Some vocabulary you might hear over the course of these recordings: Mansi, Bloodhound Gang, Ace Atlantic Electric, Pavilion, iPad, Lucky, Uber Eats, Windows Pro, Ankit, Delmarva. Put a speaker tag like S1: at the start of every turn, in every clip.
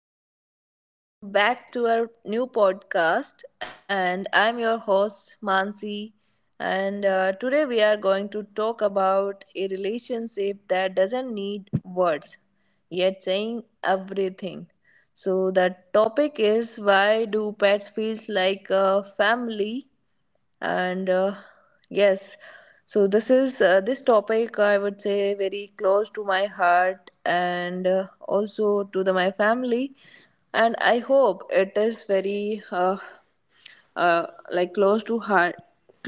S1: everyone, welcome back to our new podcast. And I'm your host, Mansi. And Today we are going to talk about a relationship that doesn't need words, yet saying everything. So, the topic is why do pets feel like a family and yes, so this topic, I would say, very close to my heart, and also to the my family, and I hope it is very like close to heart,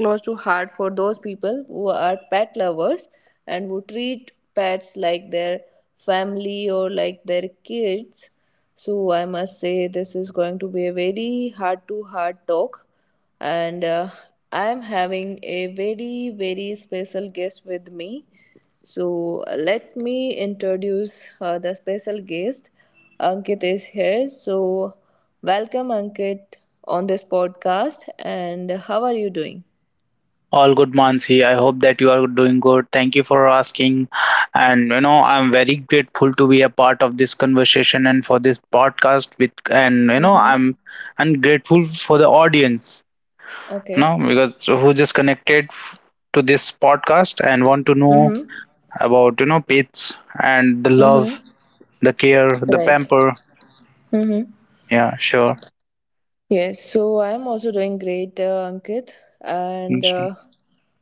S1: close to heart, for those people who are pet lovers and who treat pets like their family or like their kids. So I must say this is going to be a very heart to heart talk, and I am having a very, very special guest with me. So let me introduce the special guest. Ankit is here. So welcome, Ankit, on this podcast. And how are you doing?
S2: All good, Mansi. I hope that you are doing good. Thank you for asking. And you know, I'm very grateful to be a part of this conversation and for this podcast with and you know, I'm and grateful for the audience,
S1: Okay.
S2: because who just connected to this podcast and want to know
S1: Mm-hmm.
S2: about, pets and the
S1: Mm-hmm.
S2: love, the care, the
S1: Right.
S2: pamper.
S1: Mm-hmm.
S2: Yeah, sure.
S1: Yes, so I'm also doing great, Ankit,
S2: Yeah,
S1: and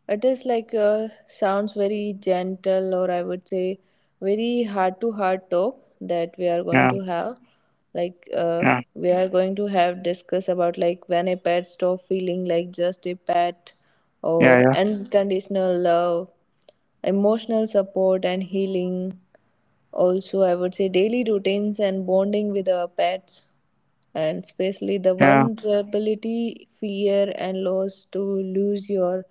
S1: it is like sounds very gentle, or I would say very heart to heart talk that we are going to have. Like, uh,
S2: yeah,
S1: we are going to have discuss about like when a pet stop feeling like just a pet
S2: yeah, yeah,
S1: or unconditional love, emotional support, and healing. Also, I would say daily routines and bonding with our pets, and especially the vulnerability, fear, and loss to lose your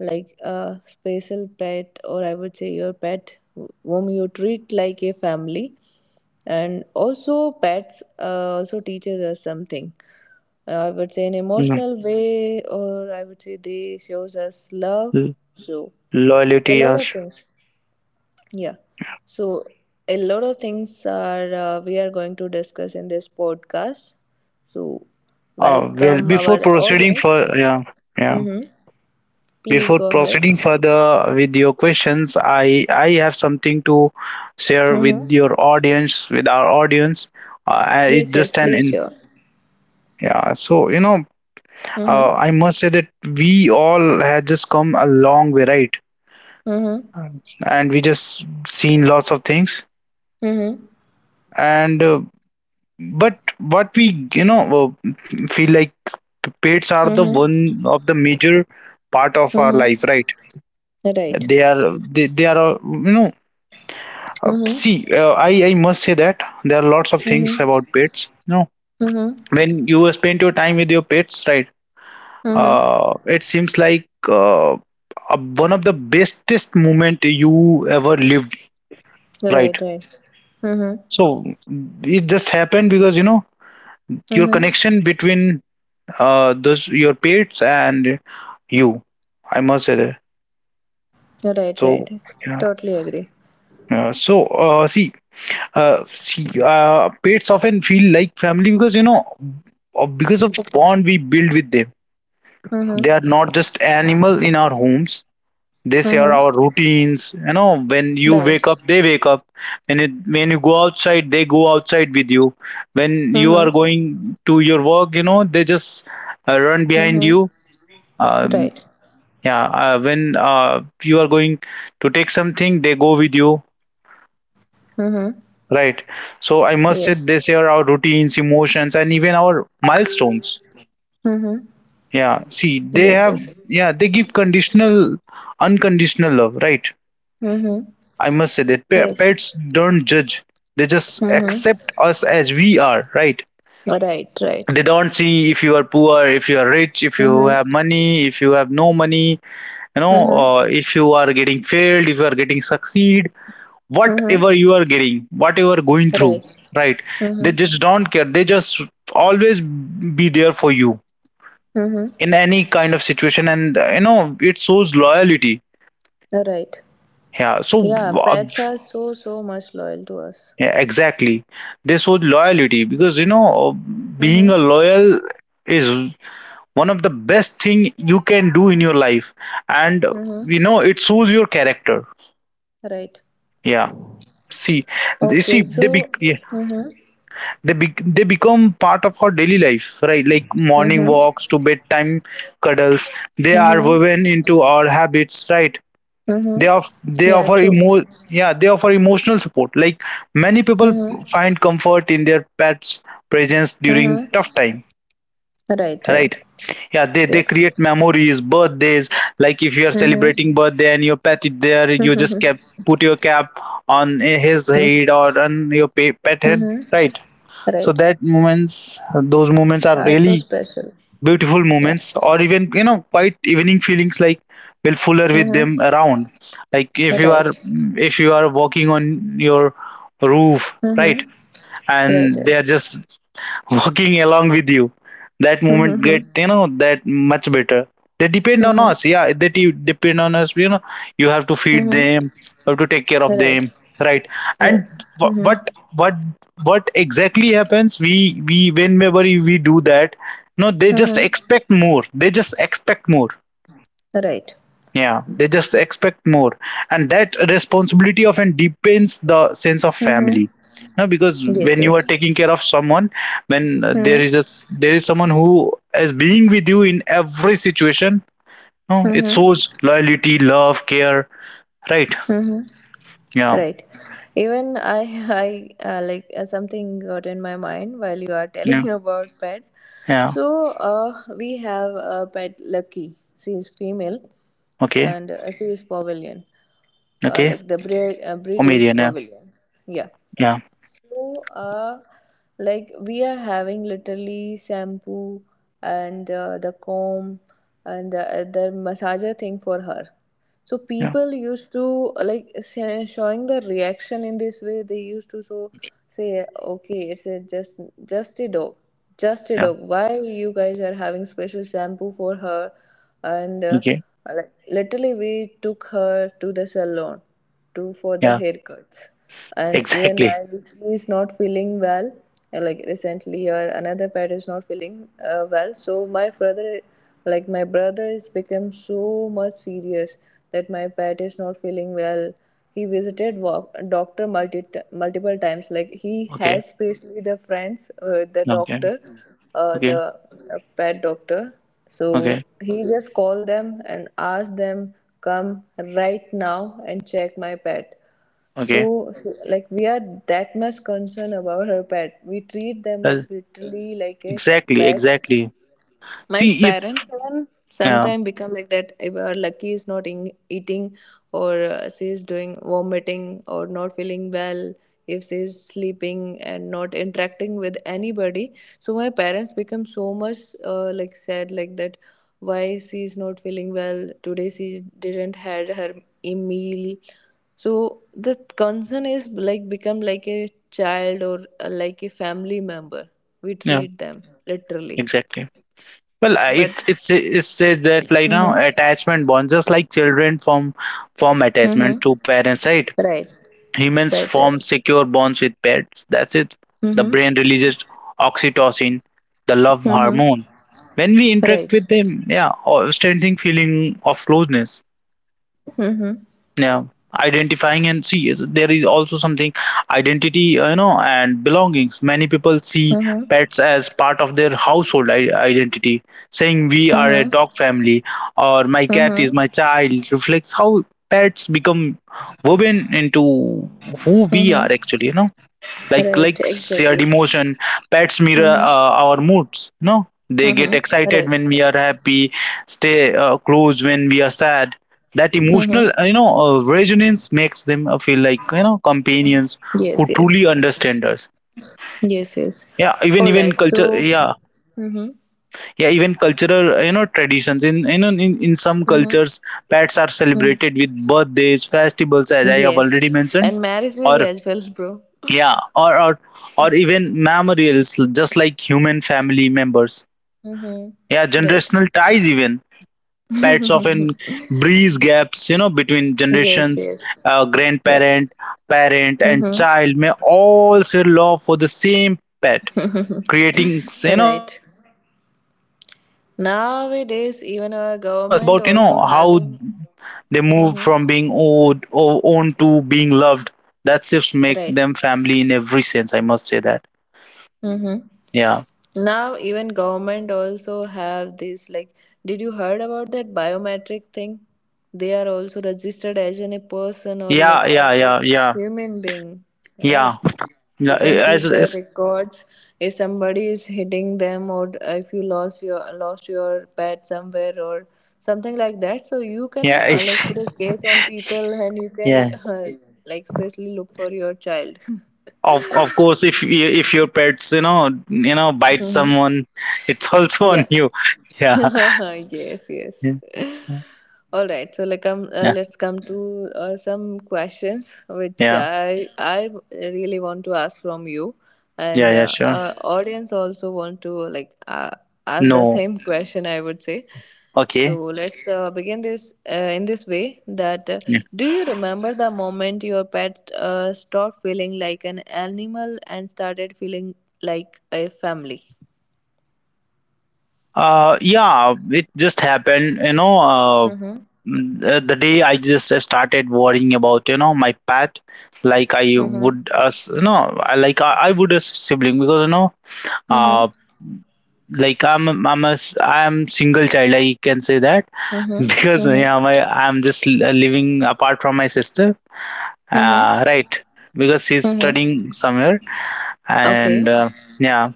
S1: like a special pet, or I would say your pet whom you treat like a family. And also pets also teaches us something. I would say an
S2: yeah.
S1: emotional way, or I would say they shows us love,
S2: Mm.
S1: so a
S2: Loyalty,
S1: lot
S2: yeah,
S1: of
S2: sure.
S1: things. Yeah. So a lot of things are we are going to discuss in this podcast. So
S2: Well,
S1: welcome
S2: before
S1: our
S2: proceeding
S1: audience.
S2: for Yeah, yeah,
S1: Mm-hmm. Please
S2: before
S1: go ahead.
S2: proceeding further with your questions, I have something to share
S1: Mm-hmm.
S2: with your audience, with our audience. I- it's
S1: Yes, yes,
S2: just an
S1: please,
S2: in
S1: sure.
S2: Yeah. So,
S1: Mm-hmm.
S2: I must say that we all have just come a long way, right?
S1: Mm-hmm.
S2: And we just seen lots of things.
S1: Mm-hmm.
S2: And But what we, feel like, pets are the
S1: Mm-hmm.
S2: one of the major part of our
S1: Mm-hmm.
S2: life, right?
S1: Right.
S2: They are,
S1: Mm-hmm.
S2: see, I must say that there are lots of things about
S1: Mm-hmm.
S2: pets, you know,
S1: Mm-hmm.
S2: when you spend your time with your pets, right.
S1: Mm-hmm.
S2: It seems like, uh, one of the bestest moment you ever lived,
S1: Right,
S2: right.
S1: right. Mm-hmm.
S2: So it just happened because, you know, your
S1: Mm-hmm.
S2: connection between, those your pets and you, I must say that.
S1: Right,
S2: So
S1: right.
S2: yeah,
S1: Totally agree.
S2: yeah. So uh, see see, pets often feel like family because, you know, because of the bond we build with them. They
S1: Mm-hmm.
S2: are not just animal in our homes. They share
S1: Mm-hmm.
S2: our routines, you know, when you wake up
S1: Right.
S2: they wake up. When you go outside they go outside with you. When you are
S1: Mm-hmm.
S2: going to your work, they just run behind
S1: Mm-hmm.
S2: you. um,
S1: Right.
S2: yeah. When, you are going to take something they go with you.
S1: Mm-hmm.
S2: Right. So I must say they
S1: Yes.
S2: share our routines, emotions, and even our milestones.
S1: Mm-hmm.
S2: Yeah. See, they
S1: Yes,
S2: have,
S1: yes.
S2: yeah, they give unconditional love, right?
S1: Mm-hmm.
S2: I must say that pets
S1: Yes.
S2: don't judge. They just
S1: Mm-hmm.
S2: accept us as we are, right?
S1: Right, right.
S2: They don't see if you are poor, if you are rich, if you have
S1: Mm-hmm.
S2: money, if you have no money, you know,
S1: Mm-hmm.
S2: if you are getting failed, if you are getting succeed.
S1: Mm-hmm.
S2: Whatever you are getting, whatever going through,
S1: Right.
S2: right, they just
S1: Mm-hmm.
S2: don't care, they just always be there for you
S1: Mm-hmm.
S2: in any kind of situation. And you know, it shows loyalty.
S1: Right.
S2: Yeah. So
S1: Yeah, pets are so, so much loyal to us.
S2: yeah, exactly, they show loyalty, because, you know, being
S1: Mm-hmm.
S2: a loyal is one of the best thing you can do in your life. And
S1: Mm-hmm.
S2: you know, it shows your character.
S1: Right.
S2: Yeah. see they see
S1: Okay,
S2: they be
S1: so.
S2: yeah,
S1: Mm-hmm.
S2: they be- they become part of our daily life, right, like morning walks
S1: Mm-hmm.
S2: to bedtime cuddles. They are woven
S1: Mm-hmm.
S2: into our habits, right.
S1: Mm-hmm.
S2: they of they
S1: Yeah,
S2: offer
S1: true.
S2: emo- Yeah, they offer emotional support, like many people
S1: Mm-hmm.
S2: find comfort in their pets presence during
S1: Mm-hmm.
S2: tough time,
S1: Right,
S2: right.
S1: right.
S2: Yeah, they
S1: Yeah.
S2: they create memories, birthdays. Like if you are celebrating
S1: Mm-hmm.
S2: birthday and your pet is there, you just cap put your cap on his head, or on your pet head, right.
S1: Mm-hmm.
S2: So
S1: Right.
S2: that moments those moments are
S1: Are so
S2: really
S1: special.
S2: beautiful
S1: Yeah.
S2: moments, or even, you know, quite evening feelings like will fuller with them
S1: Mm-hmm.
S2: around, like if you are,
S1: Right.
S2: walking on your roof,
S1: Mm-hmm. Right.
S2: right,
S1: Mm-hmm.
S2: and
S1: Right.
S2: they are just walking along with you, that moment get,
S1: Mm-hmm.
S2: you know, that much better. They depend on
S1: Mm-hmm.
S2: us. Yeah, they depend on us, you know. You have to feed
S1: Mm-hmm.
S2: them, you have to take care of
S1: Right.
S2: them, right.
S1: Right.
S2: And wh-
S1: Mm-hmm.
S2: what what what exactly happens? We whenever we do that, no, they just
S1: Mm-hmm.
S2: expect more, they just expect more.
S1: Right.
S2: Yeah, they just expect more, and that responsibility often deepens the sense of
S1: Mm-hmm.
S2: family. No, because
S1: Yes,
S2: when
S1: sir.
S2: you are taking care of someone, when
S1: Mm-hmm.
S2: there is someone who is being with you in every situation, no, it
S1: Mm-hmm.
S2: shows loyalty, love, care, right?
S1: Mm-hmm.
S2: Yeah,
S1: Right. Even I, I something got in my mind while you are
S2: yeah,
S1: telling about pets.
S2: yeah.
S1: So we have a pet, Lucky. She is female,
S2: Okay,
S1: and she is Pavilion.
S2: okay.
S1: Like the breed, breed is
S2: Omarion, yeah,
S1: Pavilion. Yeah.
S2: yeah,
S1: So like we are having literally shampoo and the comb and the other massager thing for her. So
S2: yeah,
S1: people used to like showing the reaction in this way. They used to so say, okay, it's a just just a dog, just a
S2: yeah.
S1: dog. Why you guys are having special shampoo for her? And
S2: Okay,
S1: like literally, we took her to the salon to for
S2: yeah,
S1: the haircuts. And even
S2: exactly.
S1: while she is not feeling well, like recently, or another pet is not feeling well, so my brother, like my brother, is become so much serious that my pet is not feeling well. He visited doctor multiple times. Like he
S2: Okay,
S1: has especially the friends, the
S2: okay,
S1: doctor,
S2: okay,
S1: the pet doctor. So
S2: okay,
S1: he just called them and asked them, come right now and check my pet.
S2: okay.
S1: So, like, we are that much concerned about her pet. We treat them like
S2: Well,
S1: literally like a
S2: exactly,
S1: pet.
S2: exactly.
S1: My
S2: See, it's
S1: parents even
S2: yeah
S1: sometimes become like that if our lucky is not in, eating, or she is doing vomiting or not feeling well, if she is sleeping and not interacting with anybody. So my parents become so much like sad, like that, why she is not feeling well today, she didn't had her meal. So the concern is like become like a child or like a family member. We
S2: Yeah,
S1: treat them literally,
S2: exactly. Well,
S1: but
S2: it says that like now
S1: Mm-hmm.
S2: attachment bonds, just like children form
S1: Mm-hmm.
S2: attachment to parents, right?
S1: Right.
S2: Humans
S1: Right. Right.
S2: form secure bonds with pets. That's it. The
S1: Mm-hmm.
S2: brain releases oxytocin, the love
S1: Mm-hmm.
S2: hormone. When we interact
S1: Right.
S2: with them, yeah, or strengthening feeling of closeness.
S1: Mm-hmm.
S2: Yeah. identifying and see is there is also something Identity, you know, and belongings. Many people see
S1: Mm-hmm.
S2: pets as part of their household identity, saying we are a
S1: Mm-hmm.
S2: dog family or my cat
S1: Mm-hmm.
S2: is my child reflects how pets become woven into who we
S1: Mm-hmm.
S2: are actually, you know, like
S1: Right.
S2: likes
S1: Exactly.
S2: shared emotion. Pets mirror,
S1: Mm-hmm.
S2: our moods, no, they get
S1: Mm-hmm.
S2: excited
S1: Right.
S2: when we are happy, stay, close when we are sad. That emotional,
S1: Mm-hmm.
S2: resonance makes them, feel like, you know, companions who
S1: Yes. Yes.
S2: truly understand us.
S1: Yes. Yes.
S2: Yeah. even
S1: All
S2: even
S1: right.
S2: culture
S1: So.
S2: yeah
S1: Mm-hmm.
S2: Yeah, even cultural, you know, traditions in, you know, in some
S1: Mm-hmm.
S2: cultures pets are
S1: Mm-hmm.
S2: celebrated with birthdays festivals, as I have already
S1: Yes.
S2: mentioned.
S1: And
S2: Or
S1: marriages as well, bro.
S2: yeah, or even memorials, just like human family members.
S1: Mm-hmm.
S2: Yeah,
S1: Right.
S2: generational ties, even pets often breeze gaps, you know, between
S1: Yes.
S2: generations.
S1: Yes. Yeah.
S2: Grandparent, parent and child may
S1: Mm-hmm.
S2: all share love for the same pet, creating, you know,
S1: Right.
S2: shared memories across the family.
S1: Nowadays,
S2: It's
S1: even
S2: like, I-
S1: our
S2: it's really
S1: government
S2: about, you know,
S1: also
S2: how
S1: having.
S2: they move
S1: Hmm.
S2: from being old or owned to being loved. That shifts make
S1: Right.
S2: them family in every sense, I must say that.
S1: Hmm.
S2: Yeah.
S1: Now even government also have this like, did you heard about that biometric thing? They are also registered as an, a person or
S2: Yeah,
S1: like
S2: yeah,
S1: as a
S2: yeah, yeah,
S1: human being,
S2: yeah.
S1: right?
S2: No,
S1: You
S2: I-
S1: can keep their
S2: as
S1: records. If somebody is hitting them or if you lost your pet somewhere or something like that, so you can
S2: yeah,
S1: like put a case on people and you can
S2: yeah.
S1: like especially look for your child.
S2: Of course, if your pets, bite
S1: Mhm.
S2: someone, it's also on
S1: Yeah.
S2: you. Yeah,
S1: Yes,
S2: yeah,
S1: yes. All right. So like
S2: yeah,
S1: let's come to some questions which
S2: yeah,
S1: I really want to ask from you,
S2: yeah.
S1: and
S2: Yeah,
S1: uh,
S2: sure.
S1: our audience also want to ask the
S2: No.
S1: same question, I would say. So
S2: Okay.
S1: let's begin this in this way, that
S2: Yeah.
S1: do you remember the moment your pet stopped feeling like an animal and started feeling like a family?
S2: Yeah. It just happened. You know, the day I just started worrying about, you know, my pet, like I
S1: Mm-hmm.
S2: would as, you know, I would as sibling, because, you know,
S1: Mhm.
S2: uh, like I'm a I'm single child. I can say that,
S1: Mhm.
S2: because
S1: Mhm.
S2: yeah, my I'm just living apart from my sister.
S1: Mhm.
S2: Right, because she's
S1: Mhm.
S2: studying somewhere,
S1: Okay.
S2: and yeah,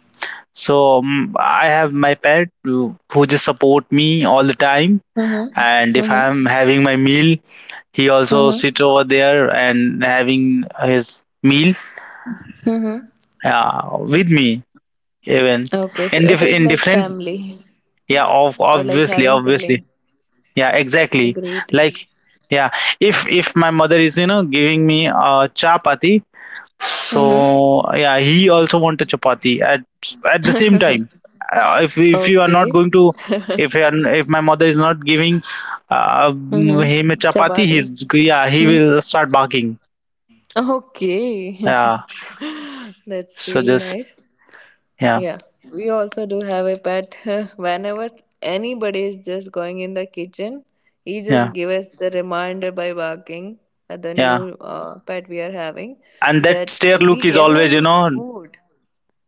S2: so, I have my pet who just support me all the time.
S1: Mhm.
S2: And if
S1: Mhm.
S2: I'm having my meal, he also
S1: Mhm.
S2: sits over there and having his meal,
S1: Mhm.
S2: with me, even
S1: Okay, so it is
S2: in
S1: like
S2: different,
S1: family
S2: yeah, of
S1: or like
S2: obviously,
S1: having
S2: obviously.
S1: siblings.
S2: Yeah, exactly.
S1: Great.
S2: Like, yeah, if my mother is, you know, giving me a chapati, so
S1: Mhm.
S2: yeah, he also want a chapati at the same time. If you are not
S1: Okay.
S2: going to, if you are, if my mother is not giving,
S1: Mhm.
S2: him a chapati,
S1: Chapati.
S2: he's yeah, he
S1: Hmm.
S2: will start barking.
S1: Okay.
S2: Yeah.
S1: That's
S2: So
S1: really
S2: just
S1: nice.
S2: Yeah,
S1: Yeah, we also do have a pet. Whenever anybody is just going in the kitchen, he just
S2: yeah,
S1: give us the reminder by barking at the
S2: yeah.
S1: new pet we are having,
S2: And that
S1: that
S2: stare
S1: we
S2: look is
S1: gave
S2: always, you
S1: him
S2: know,
S1: food.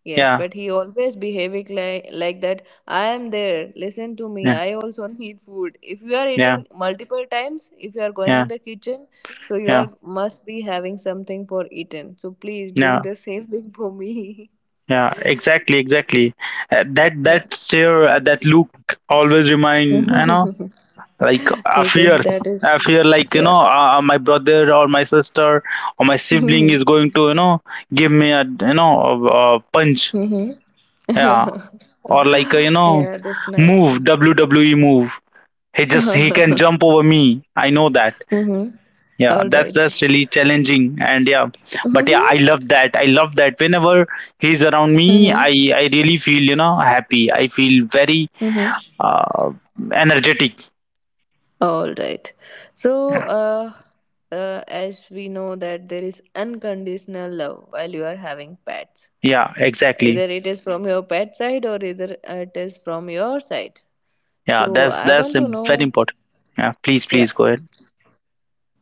S1: Yes,
S2: yeah,
S1: but he always behaving like that. I am there. Listen to me.
S2: yeah,
S1: I also need food. If you are
S2: yeah,
S1: eating multiple times, if you are going
S2: yeah,
S1: in the kitchen, so you
S2: yeah,
S1: are must be having something for eaten. So please bring
S2: yeah.
S1: the same thing for me.
S2: Yeah, exactly, exactly. Uh, that
S1: Yeah.
S2: that stare, that look always remind, you know,
S1: Yes,
S2: like
S1: yes, that
S2: a
S1: is,
S2: fear like, you
S1: yeah.
S2: know, my brother or my sister or my sibling is going to, you know, give me a, you know, a punch.
S1: Hmm.
S2: Yeah, or like, a, you know,
S1: Yeah, that's nice.
S2: move, WWE move. He can jump
S1: Mm-hmm.
S2: over me. I know that, yeah,
S1: All
S2: that's
S1: right.
S2: that's really challenging, and yeah. But yeah,
S1: Mm-hmm.
S2: I love that, I love that whenever he's around me, i
S1: Mm-hmm.
S2: i really feel, you know, happy, I feel very,
S1: Mm-hmm.
S2: uh, energetic.
S1: All right. So,
S2: Yeah,
S1: as we know that there is unconditional love while you are having pets.
S2: yeah, exactly.
S1: Either it is from your pet side or either it is from your side.
S2: Yeah,
S1: So,
S2: that's
S1: I
S2: that's
S1: want to
S2: very
S1: know.
S2: important. Yeah, please
S1: Yeah.
S2: please go ahead.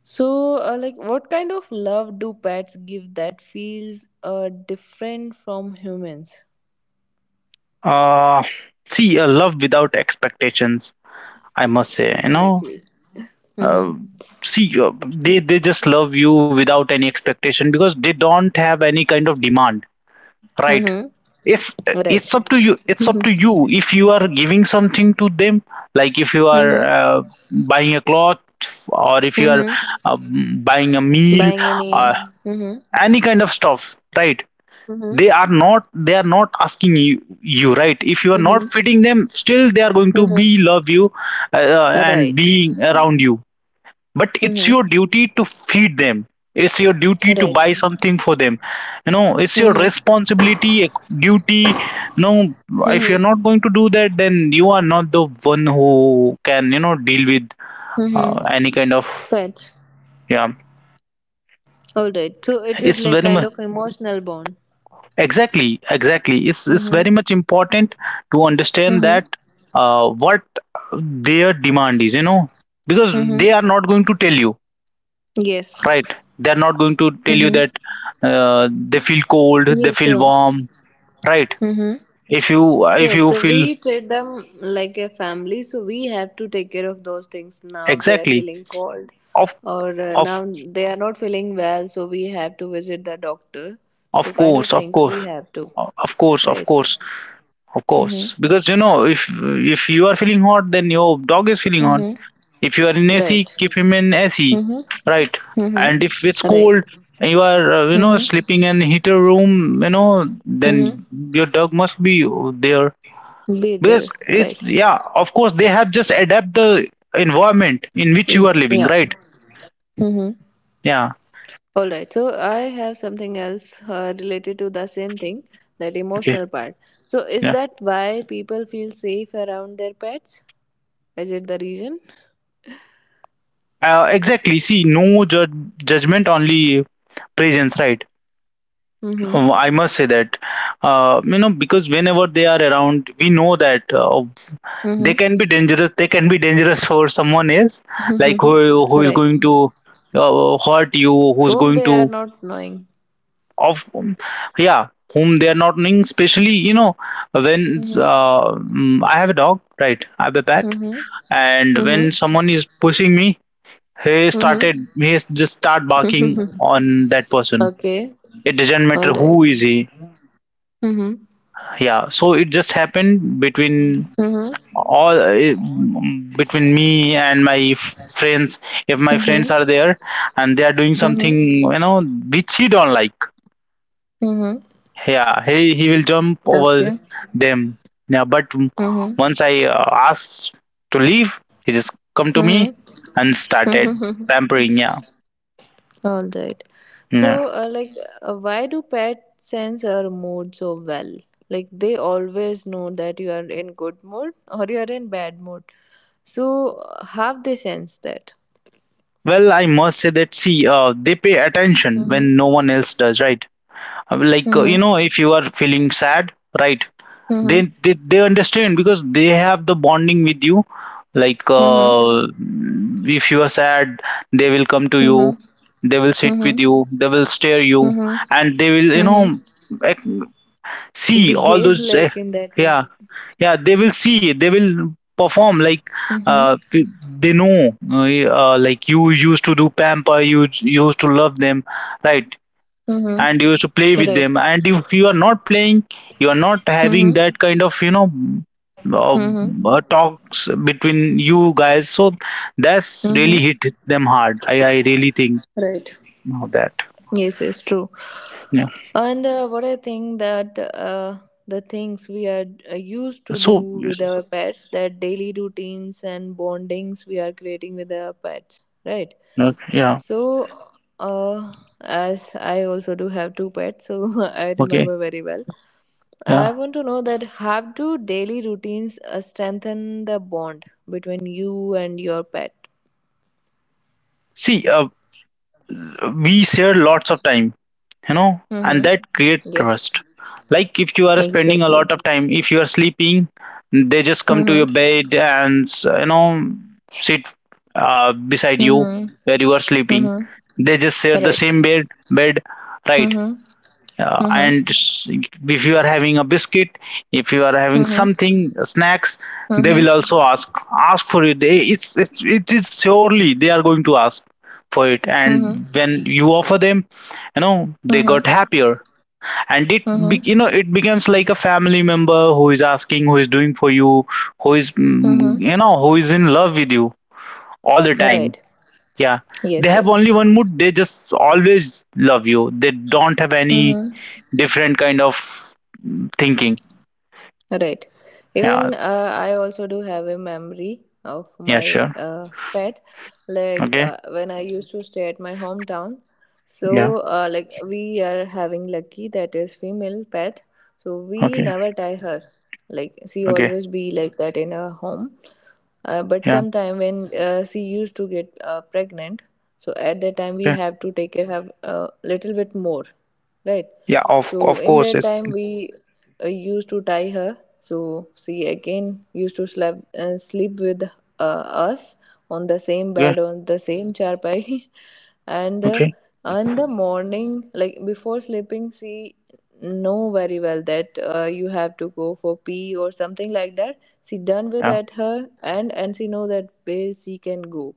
S1: So, like, what kind of love do pets give that feels different from humans?
S2: uh See, a love without expectations, I must say. You know,
S1: Mm-hmm.
S2: uh, see, they just love you without any expectation, because they don't have any kind of demand, right.
S1: Mm-hmm.
S2: it's
S1: Right.
S2: it's up to you, it's up to you if you are giving something to them, like if you are,
S1: Mm-hmm.
S2: buying a cloth, or if you are,
S1: Mm-hmm.
S2: uh, buying a meal,
S1: Buying any.
S2: uh,
S1: Mm-hmm.
S2: any kind of stuff, right.
S1: Mm-hmm.
S2: They are not asking you, right. If you are not
S1: Mm-hmm.
S2: fitting them, still they are going to be
S1: Mm-hmm.
S2: love you, uh, and
S1: Right.
S2: being around you. But it's
S1: Mm-hmm.
S2: your duty to feed them, it's your duty to
S1: Right.
S2: buy something for them, you know. It's your
S1: Mm-hmm.
S2: responsibility, duty, you know. If
S1: Mm-hmm.
S2: you're not going to do that, then you are not the one who can, you know, deal with,
S1: Mm-hmm.
S2: any kind of.
S1: Pets.
S2: Yeah,
S1: All right. So it is
S2: it's
S1: like
S2: very
S1: kind
S2: much,
S1: of emotional bond.
S2: exactly, exactly, it's
S1: Mm-hmm.
S2: very much important to understand
S1: Mm-hmm.
S2: that, what their demand is, you know, because they
S1: Mm-hmm.
S2: are not going to tell you,
S1: Yes.
S2: right. They're not going to tell you
S1: Mm-hmm.
S2: that, they feel cold, they
S1: Yes.
S2: feel
S1: So.
S2: warm, right.
S1: Mm-hmm.
S2: if you if
S1: Yes,
S2: you
S1: so
S2: feel,
S1: we treat them like a family, so we have to take care of those things. Now they are
S2: exactly.
S1: feeling cold,
S2: of
S1: or
S2: of
S1: now they are not feeling well, so we have to visit the doctor. So,
S2: of
S1: kind of
S2: course, of
S1: things
S2: course,
S1: we have to,
S2: of course, of
S1: right?
S2: course, of
S1: Mm-hmm.
S2: course, because you know, if you Are feeling hot? Then your dog is feeling hot.
S1: Mm-hmm.
S2: If you are in
S1: Right.
S2: AC, keep him in AC, right?
S1: Mm-hmm. Mm-hmm.
S2: And if it's
S1: Right.
S2: cold and you are sleeping
S1: Mm-hmm.
S2: in heater room, then
S1: Mm-hmm.
S2: your dog must be there
S1: Be
S2: because
S1: there,
S2: it's
S1: right?
S2: yeah of course they have just adapt the environment in which you
S1: Mm,
S2: are living,
S1: yeah.
S2: right?
S1: Mm-hmm.
S2: Yeah.
S1: All right, so I have something else related to the same thing, that
S2: Okay.
S1: emotional part. So, is
S2: Yeah.
S1: that why people feel safe around their pets? Is it the reason?
S2: Exactly. See, no judge, judgment, only presence, right?
S1: Mm-hmm.
S2: Oh, I must say that because whenever they are around, we know that they
S1: Mm-hmm.
S2: can be dangerous, they can be dangerous for someone else. Like
S1: Mm-hmm.
S2: who is
S1: Right.
S2: going to hurt you, who's
S1: Whom
S2: going
S1: they
S2: to
S1: are not knowing.
S2: of yeah, whom they are not knowing, especially when
S1: Mm-hmm.
S2: I have a dog, right? I have a pet.
S1: Mm-hmm.
S2: And when someone is pushing me,
S1: Mm-hmm.
S2: he just start barking
S1: Mm-hmm.
S2: on that person.
S1: Okay.
S2: It doesn't
S1: All
S2: matter who
S1: right.
S2: is he.
S1: Mm-hmm.
S2: Yeah, so it just happened between
S1: Mm-hmm.
S2: all between me and my friends. If my friends
S1: Mm-hmm.
S2: are there and they are doing something, you know, which he don't like,
S1: Mm-hmm.
S2: yeah, he will jump over
S1: Okay.
S2: them. Yeah, but
S1: Mm-hmm.
S2: once I asked to leave, he just come to me and started
S1: Mm-hmm.
S2: pampering. Yeah.
S1: All right.
S2: Yeah,
S1: So, like, why do pets sense our mood so well? Like, they always know that you are in good mood or you are in bad mood. So, how they sense that?
S2: well, I must say that, see, they pay attention when no
S1: Mm-hmm.
S2: one else does, right? Like,
S1: Mm-hmm.
S2: if you are feeling sad, right,
S1: Mm-hmm.
S2: they understand because they have the bonding with you. Like,
S1: Mm-hmm.
S2: if you are sad, they will come to you,
S1: Mm-hmm.
S2: they will sit
S1: Mm-hmm.
S2: with you, they will stare you,
S1: Mm-hmm.
S2: and they will, you know,
S1: Mm-hmm.
S2: ac- see all
S1: Behave
S2: those
S1: like in that way.
S2: yeah. Yeah, they will perform like
S1: Mm-hmm.
S2: uh, p- they know like you used to do pamper, you used to love them, right?
S1: Mm-hmm.
S2: And you used to play with
S1: Right.
S2: them. And if you are not playing, you are not having
S1: Mm-hmm.
S2: that kind of, you know, uh,
S1: Mm-hmm.
S2: talks between you guys, so that's
S1: Mm-hmm.
S2: really hit them hard. I really think
S1: Right.
S2: of that.
S1: Yes, it's true.
S2: Yeah.
S1: And what I think that
S2: Yeah.
S1: the things we are
S2: Please,
S1: used
S2: please.
S1: to
S2: So
S1: do with our pets, that daily routines and bondings we are creating with our pets, right?
S2: okay, yeah.
S1: So, uh, as I also do have two pets, so I
S2: Okay.
S1: remember very well.
S2: Yeah,
S1: I want to know that how do daily routines strengthen the bond between you and your pet?
S2: see, we share lots of time, you know, and
S1: Mm-hmm.
S2: that create
S1: Yes,
S2: trust. Like if you are spending a
S1: exactly.
S2: lot of time, if you are sleeping, they just come to your
S1: Mm-hmm.
S2: bed and, you know, sit beside you
S1: Mm-hmm.
S2: where you are sleeping.
S1: Mm-hmm.
S2: They just share the
S1: Right.
S2: same bed, right?
S1: Mm-hmm. Mhm.
S2: And if you are having a biscuit, if you are having
S1: Mhm.
S2: something, snacks, they will
S1: Mhm.
S2: also ask for it. It's it is, surely they are going to ask for it.
S1: Mhm.
S2: And when you offer them, you know, they got
S1: Mhm.
S2: happier. And
S1: Mhm.
S2: you know, it becomes like a family member who is asking, who is doing for you, who is
S1: Mhm.
S2: you know, who is in love with you all the time.
S1: Right.
S2: Yeah, they
S1: Yes.
S2: have
S1: Yes.
S2: only one mood. They just always love you. They don't have any
S1: Mhm.
S2: different kind of thinking.
S1: Right.
S2: Yeah.
S1: Even I also do have a memory of
S2: Yeah,
S1: my
S2: sure.
S1: pet. Like
S2: Okay.
S1: when I used to stay at my hometown,
S2: Yeah.
S1: so like we are having Lucky, that is female pet. So we
S2: Okay.
S1: never tie her. Like she
S2: Okay.
S1: always be like that in our home. But
S2: Yeah.
S1: sometime when she used to get pregnant, so at that time we
S2: Okay.
S1: have to take care of a little bit more, right?
S2: Yeah, of
S1: So in
S2: course
S1: that
S2: it's.
S1: time we used to tie her. So she again used to sleep sleep with uh, us on the same
S2: Yeah.
S1: bed on the same charpai, and
S2: Okay.
S1: in the morning, like before sleeping, she know very well that you have to go for pee or something like that. She done with
S2: Yeah.
S1: at her and she know that where she can go,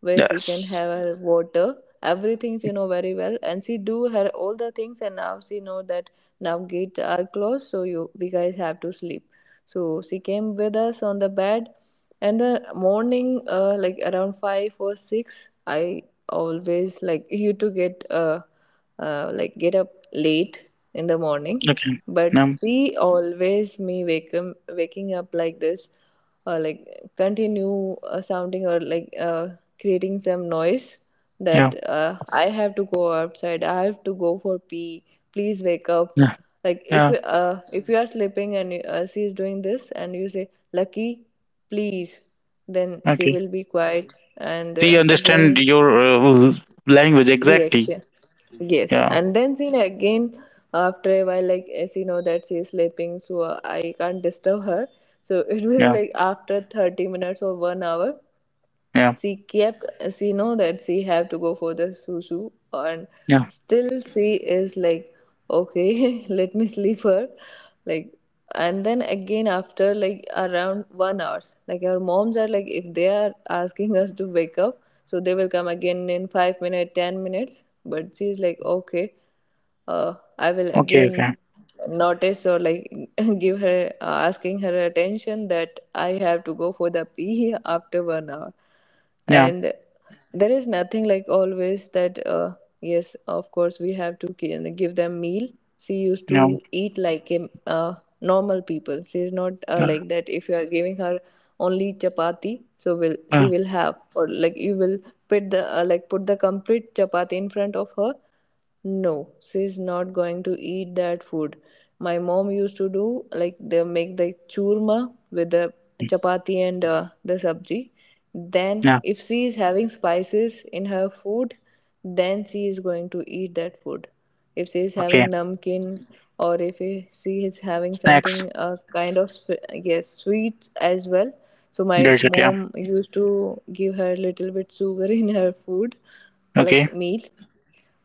S1: where she can
S2: Yes.
S1: have her water, everything she know very well and she do her all the things, and now she know that now gate are closed so you we guys have to sleep. So she came with us on the bed. And the morning like around 5 or 6. I always like you to get like get up late in the morning,
S2: Okay.
S1: but
S2: No.
S1: she always me wake him, waking up like this, or like continue sounding or like creating some noise,
S2: Yeah.
S1: that I have to go outside. I have to go for pee. Please wake up.
S2: Yeah.
S1: Like
S2: Yeah.
S1: if you are sleeping and she is doing this and you say lucky, please, then she
S2: Okay,
S1: will be quiet and
S2: we understand
S1: again
S2: your language exactly.
S1: reaction. Yes,
S2: Yeah.
S1: and then she again after a while, like as you know that she is sleeping, so I can't disturb her. So it will
S2: Yeah.
S1: like after 30 minutes or one hour,
S2: Yeah.
S1: she kept she know that she have to go for the susu, and
S2: Yeah.
S1: still she is like, okay, let me sleep her, like, and then again after like around one hours, like our moms are, like if they are asking us to wake up, so they will come again in 5 minutes, 10 minutes, but she's like, okay, I will
S2: Okay.
S1: again
S2: Okay.
S1: notice, or like give her asking her attention that I have to go for the pee after one hour.
S2: Yeah.
S1: And there is nothing like always that yes, of course, we have to give them meal. She used
S2: Yeah.
S1: to eat like a normal people. She is not
S2: uh,
S1: like that. If you are giving her only chapati, so will she
S2: uh,
S1: will have, or like you will put the like put the complete chapati in front of her, no, she's not going to eat that food. My mom used to do like they make the churma with the chapati and the sabji. Then,
S2: yeah.
S1: if she is having spices in her food, then she is going to eat that food. If she is having
S2: Okay.
S1: namkeen, or if she is having
S2: Snacks.
S1: something kind of yes, sweet as well. So my
S2: Desert. Yeah.
S1: mom used to give her little bit sugar in her food, like
S2: Okay.
S1: meal.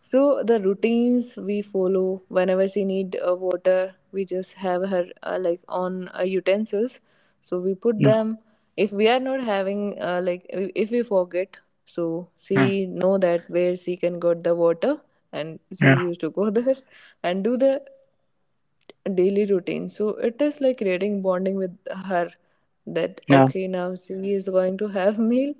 S1: So the routines we follow whenever she need water, we just have her like on utensils. So we put
S2: No.
S1: them. If we are not having like if we forget, so
S2: mm,
S1: she know that where she can get the water, and she
S2: yeah.
S1: used to go there and do the daily routine. So it is like creating bonding with her that,
S2: No.
S1: okay, now she is going to have meal,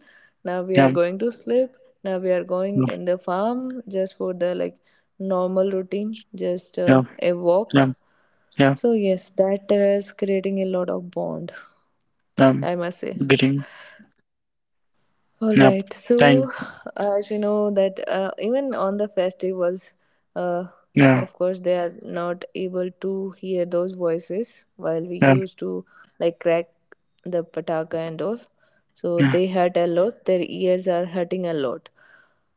S1: now we are
S2: Yum.
S1: going to sleep, now we are going
S2: No.
S1: in the farm just for the like normal routine, just
S2: No.
S1: a
S2: Yum.
S1: walk.
S2: Yum.
S1: So yes, that is creating a lot of bond,
S2: Yum.
S1: I must say.
S2: Green.
S1: All
S2: Yep.
S1: right. So,
S2: Thank.
S1: as you know, that even on the festivals, uh,
S2: Yeah.
S1: of course, they are not able to hear those voices while we
S2: Yeah.
S1: used to like crack the pataka and all. So,
S2: Yeah.
S1: they hurt a lot, their ears are hurting a lot.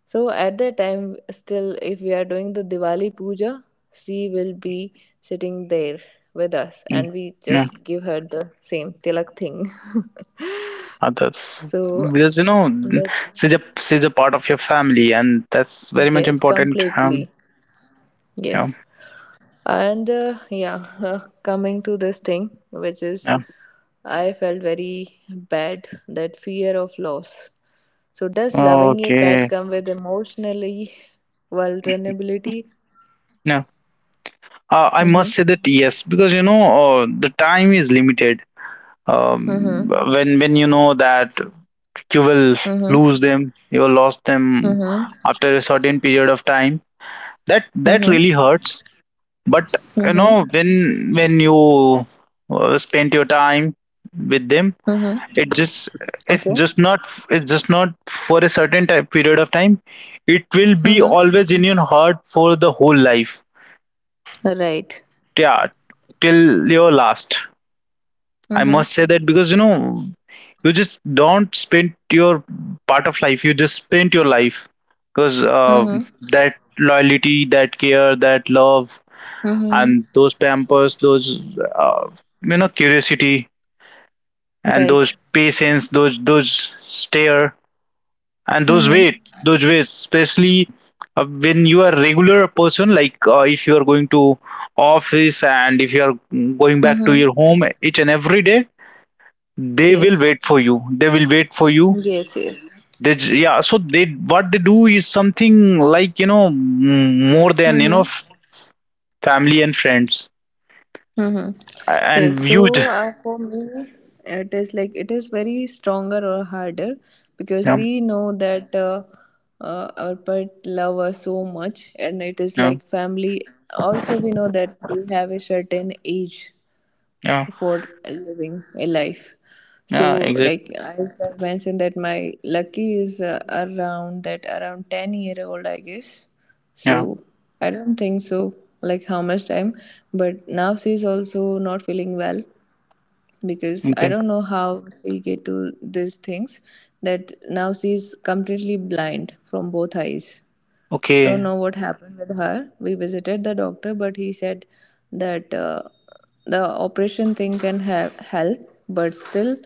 S1: So, at that time, still, if we are doing the Diwali puja, she will be sitting there with us,
S2: mm,
S1: and we
S2: Yeah.
S1: just give her the same tilak thing.
S2: Uh,
S1: So,
S2: because you know,
S1: that.
S2: she's a part of your family, and that's very much
S1: Yes,
S2: important.
S1: completely.
S2: Yeah.
S1: Yes. And yeah, coming to this thing, which is
S2: Yeah.
S1: I felt very bad, that fear of loss. So, does loving a pet
S2: Okay.
S1: come with emotionally vulnerability?
S2: No. I must
S1: Mm-hmm.
S2: say that yes, because you know, the time is limited.
S1: Mm-hmm.
S2: When you know that you will
S1: Mm-hmm.
S2: lose them, you will lost them
S1: Mm-hmm.
S2: after a certain period of time, that that
S1: Mm-hmm.
S2: really hurts. But you
S1: Mm-hmm.
S2: know, when you spend your time with them,
S1: Mm-hmm.
S2: it just, it's
S1: Okay.
S2: just not it's just not for a certain type period of time. It will be
S1: Mm-hmm.
S2: always in your heart for the whole life.
S1: Right.
S2: Yeah, till your last. I
S1: Mm-hmm.
S2: must say that, because you know, you just don't spend your part of life, you just spend your life, because
S1: Mm-hmm.
S2: that loyalty, that care, that love,
S1: Mm-hmm.
S2: and those pampers, those, you know, curiosity, and those
S1: Right.
S2: patience, those stare, and those
S1: Mm-hmm.
S2: wait, those ways, especially. When you are regular person, like, if you are going to office, and if you are going back to your
S1: Mm-hmm.
S2: home each and every day, they will
S1: Yes.
S2: wait for you, they will wait for you.
S1: Yes, yes.
S2: Yeah, so they, what they do is something like, you know, more than, you know,
S1: Mm-hmm.
S2: family and friends
S1: Mm-hmm.
S2: and
S1: Yes, so
S2: viewed.
S1: for me, it is like it is very stronger or harder, because
S2: Yeah.
S1: we know that our pet love us so much, and it is
S2: Yeah.
S1: like family. Also, we know that they have a certain age
S2: Yeah.
S1: for living a life.
S2: Yeah.
S1: So,
S2: Exactly.
S1: like as I mentioned, that my lucky is around 10 year old, I guess. So
S2: Yeah.
S1: I don't think so, like how much time. But now she's also not feeling well, because I
S2: Okay.
S1: don't know how she get to these things. That now she's completely blind from both eyes. Don't
S2: Okay.
S1: know what happened with her. We visited the doctor, but he said that the operation thing can have help, but still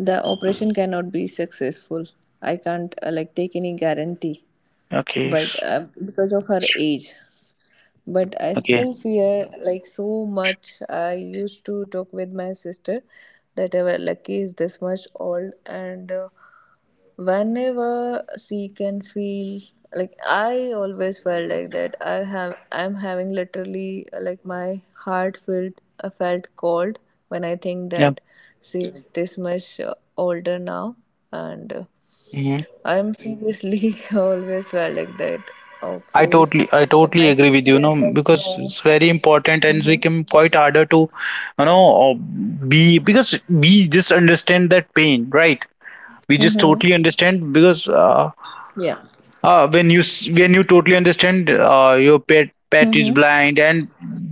S1: the operation cannot be successful. I can't like take any guarantee,
S2: okay
S1: but
S2: s-
S1: because of her age. But I
S2: okay.
S1: still fear like so much. I used to talk with my sister that our lucky is this much old and. Whenever she can feel, like I always felt like that I'm having, literally, like my heart felt, I felt cold, when I think
S2: Yeah.
S1: that she's. Yeah. This much older now, and
S2: Hmm.
S1: I'm seriously always felt like that,
S2: i
S1: okay.
S2: totally i
S1: But
S2: totally
S1: my
S2: agree with
S1: sister
S2: you, you know,
S1: is like,
S2: because
S1: no.
S2: it's very important, and it's
S1: Mm-hmm.
S2: become quite harder to, you know, be, because we just understand that pain, right? We just
S1: Mm-hmm.
S2: totally understand, because
S1: Yeah.
S2: when you when you totally understand your pet is
S1: Mm-hmm.
S2: blind, and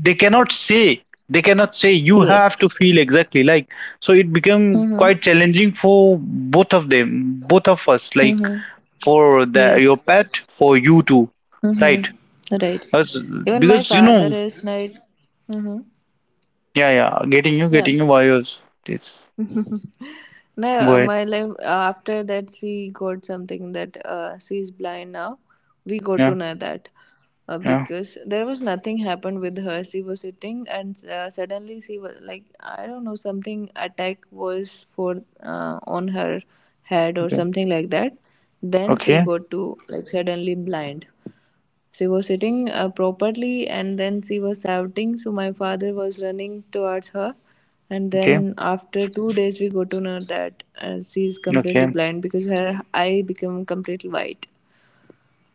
S2: they cannot say, they cannot say, you have
S1: Yes.
S2: to feel exactly like, so it become
S1: Mm-hmm.
S2: quite challenging for both of them, both of us, like
S1: Mm-hmm.
S2: for the your
S1: Yes.
S2: pet, for you too, right?
S1: Mm-hmm. Right.
S2: As,
S1: Even my
S2: because you know,
S1: father is like, mm-hmm,
S2: yeah, yeah, getting you,
S1: yeah.
S2: getting you, why was it's, go
S1: No,
S2: ahead.
S1: my life after that she got something that she is blind now. We got to
S2: Yeah.
S1: know that
S2: Yeah.
S1: because there was nothing happened with her. She was sitting and suddenly she was like, I don't know, something attack was for on her head or
S2: Okay.
S1: something like that. Then she
S2: Okay.
S1: got to like suddenly blind. She was sitting properly and then she was shouting. So my father was running towards her. And
S2: Okay.
S1: then after 2 days, we got to know that she is completely
S2: Okay.
S1: blind, because her eye became completely white.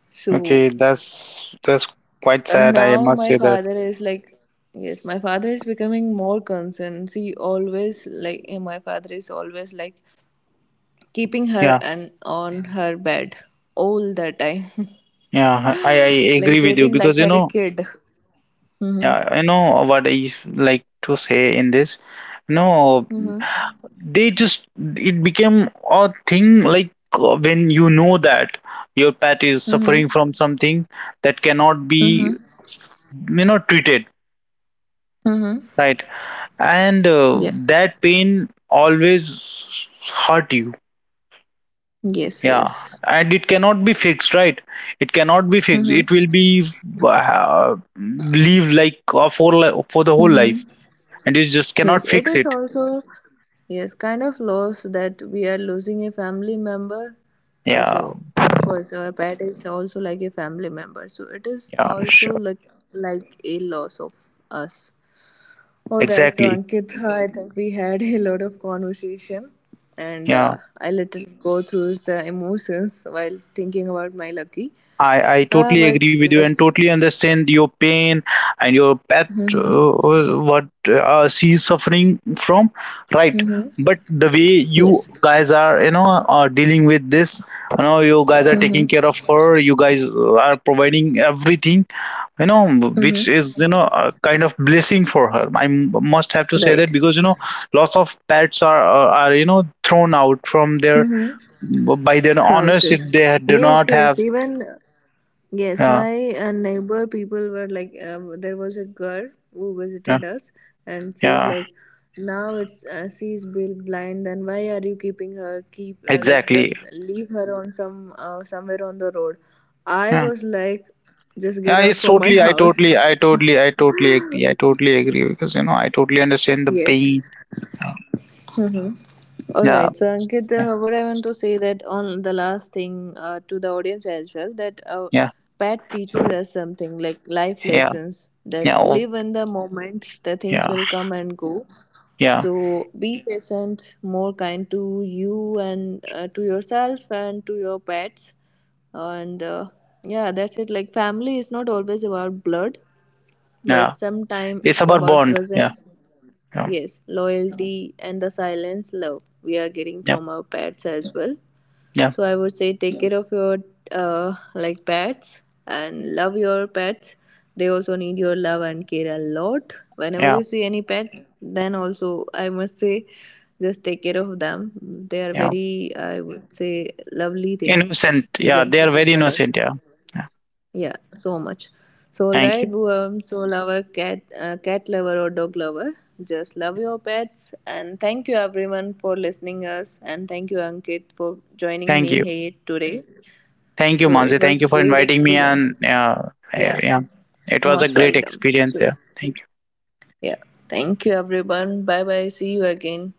S1: So
S2: Okay, that's quite sad, I
S1: now
S2: must
S1: my
S2: say that.
S1: father is like, yes, my father is becoming more concerned. She always like, eh, my father is always like keeping her
S2: Yeah.
S1: and on her bed all the time,
S2: Yeah, I
S1: like
S2: agree with you
S1: treating
S2: because
S1: like her a kid. Mm-hmm.
S2: you know what I like to say in this. No,
S1: Mm-hmm.
S2: they just, it became a thing like, when you know that your pet is
S1: Mm-hmm.
S2: suffering from something that cannot
S1: Mm-hmm.
S2: be, you know, treated,
S1: Mm-hmm.
S2: right? And
S1: Yeah.
S2: that pain always hurt you.
S1: Yes,
S2: Yeah,
S1: yes.
S2: and it cannot be fixed, right? It cannot be fixed.
S1: Mm-hmm.
S2: It will be live like, for for the whole life,
S1: Mm-hmm.
S2: and you just
S1: Yes,
S2: cannot
S1: it
S2: fix
S1: is
S2: it.
S1: also, yes, kind of loss that we are losing a family member. So
S2: Yeah.
S1: of course our pet is also like a family member. So it is
S2: Yeah,
S1: also
S2: sure.
S1: like a loss of us. All right. So
S2: Exactly.
S1: Ankit, I think we had a lot of conversation, and
S2: Yeah.
S1: I let it go through the emotions while thinking about my lucky.
S2: I totally
S1: But
S2: agree with you and
S1: let's.
S2: totally understand your pain, and your pet, what she is suffering from, right?
S1: Mm-hmm.
S2: But the way you
S1: Yes.
S2: guys are, you know, are dealing with this, you know, you guys are taking care
S1: Mm-hmm.
S2: of her, you guys are providing everything, you know, which is,
S1: Mm-hmm.
S2: you know, a kind of blessing for her. I must have to say that,
S1: Right.
S2: because you know, lots of pets are you know, thrown out from their,
S1: Mm-hmm.
S2: by their owners, if
S1: Houses.
S2: they do
S1: Yes,
S2: not
S1: yes.
S2: have.
S1: Even, yes,
S2: Yeah.
S1: my neighbor people were like, there was a girl who
S2: Yeah.
S1: visited us, and she's
S2: Yeah.
S1: like, now it's she's blind, then why are you keeping her, keep like
S2: Exactly.
S1: just leave her on some somewhere on the road. I
S2: Yeah.
S1: was like, just get
S2: Yeah,
S1: out
S2: it's
S1: from my
S2: totally, i totally
S1: house.
S2: i totally i totally agree, I totally agree, because you know, I totally understand the pain.
S1: Yes. Mhm. All
S2: Yeah.
S1: right. So, Ankit,
S2: Yeah.
S1: what I want to say that on the last thing to the audience as well, that
S2: Yeah.
S1: Pat teaches us something like life
S2: Yeah.
S1: lessons, that
S2: Yeah. Oh,
S1: live in the moment. The things
S2: yeah.
S1: will come and go.
S2: Yeah.
S1: So be patient, more kind to you and to yourself and to your pets. And yeah, that's it. Like family is not always about blood, but
S2: Yeah,
S1: sometimes
S2: it's
S1: it's
S2: about
S1: about
S2: bond. Yeah.
S1: presence.
S2: Yeah.
S1: Yes, loyalty and the silence love we are getting
S2: Yeah.
S1: from our pets as well.
S2: Yeah.
S1: So I would say take care of your like pets and love your pets. They also need your love and care a lot. Whenever
S2: Yeah.
S1: you see any pet, then also I must say just take care of them. They are
S2: Yeah.
S1: very, I would say, lovely thing
S2: Innocent.
S1: you
S2: Yeah,
S1: can
S2: they are
S1: keep in
S2: very
S1: your life.
S2: innocent. Yeah. Yeah.
S1: Yeah, so much. So, all
S2: Thank
S1: right,
S2: you.
S1: so lover, cat, cat lover or dog lover, just love your pets. And thank you everyone for listening us. And thank you Ankit for
S2: Thank
S1: joining
S2: you.
S1: me here today.
S2: Thank you,
S1: So
S2: Mansi.
S1: it
S2: Thank you
S1: was
S2: for
S1: great
S2: inviting me. And
S1: experience.
S2: yeah,
S1: Yeah,
S2: yeah, it was a
S1: most
S2: great
S1: welcome.
S2: experience.
S1: So,
S2: Yeah. Thank you.
S1: yeah, thank you everyone. Bye bye. See you again.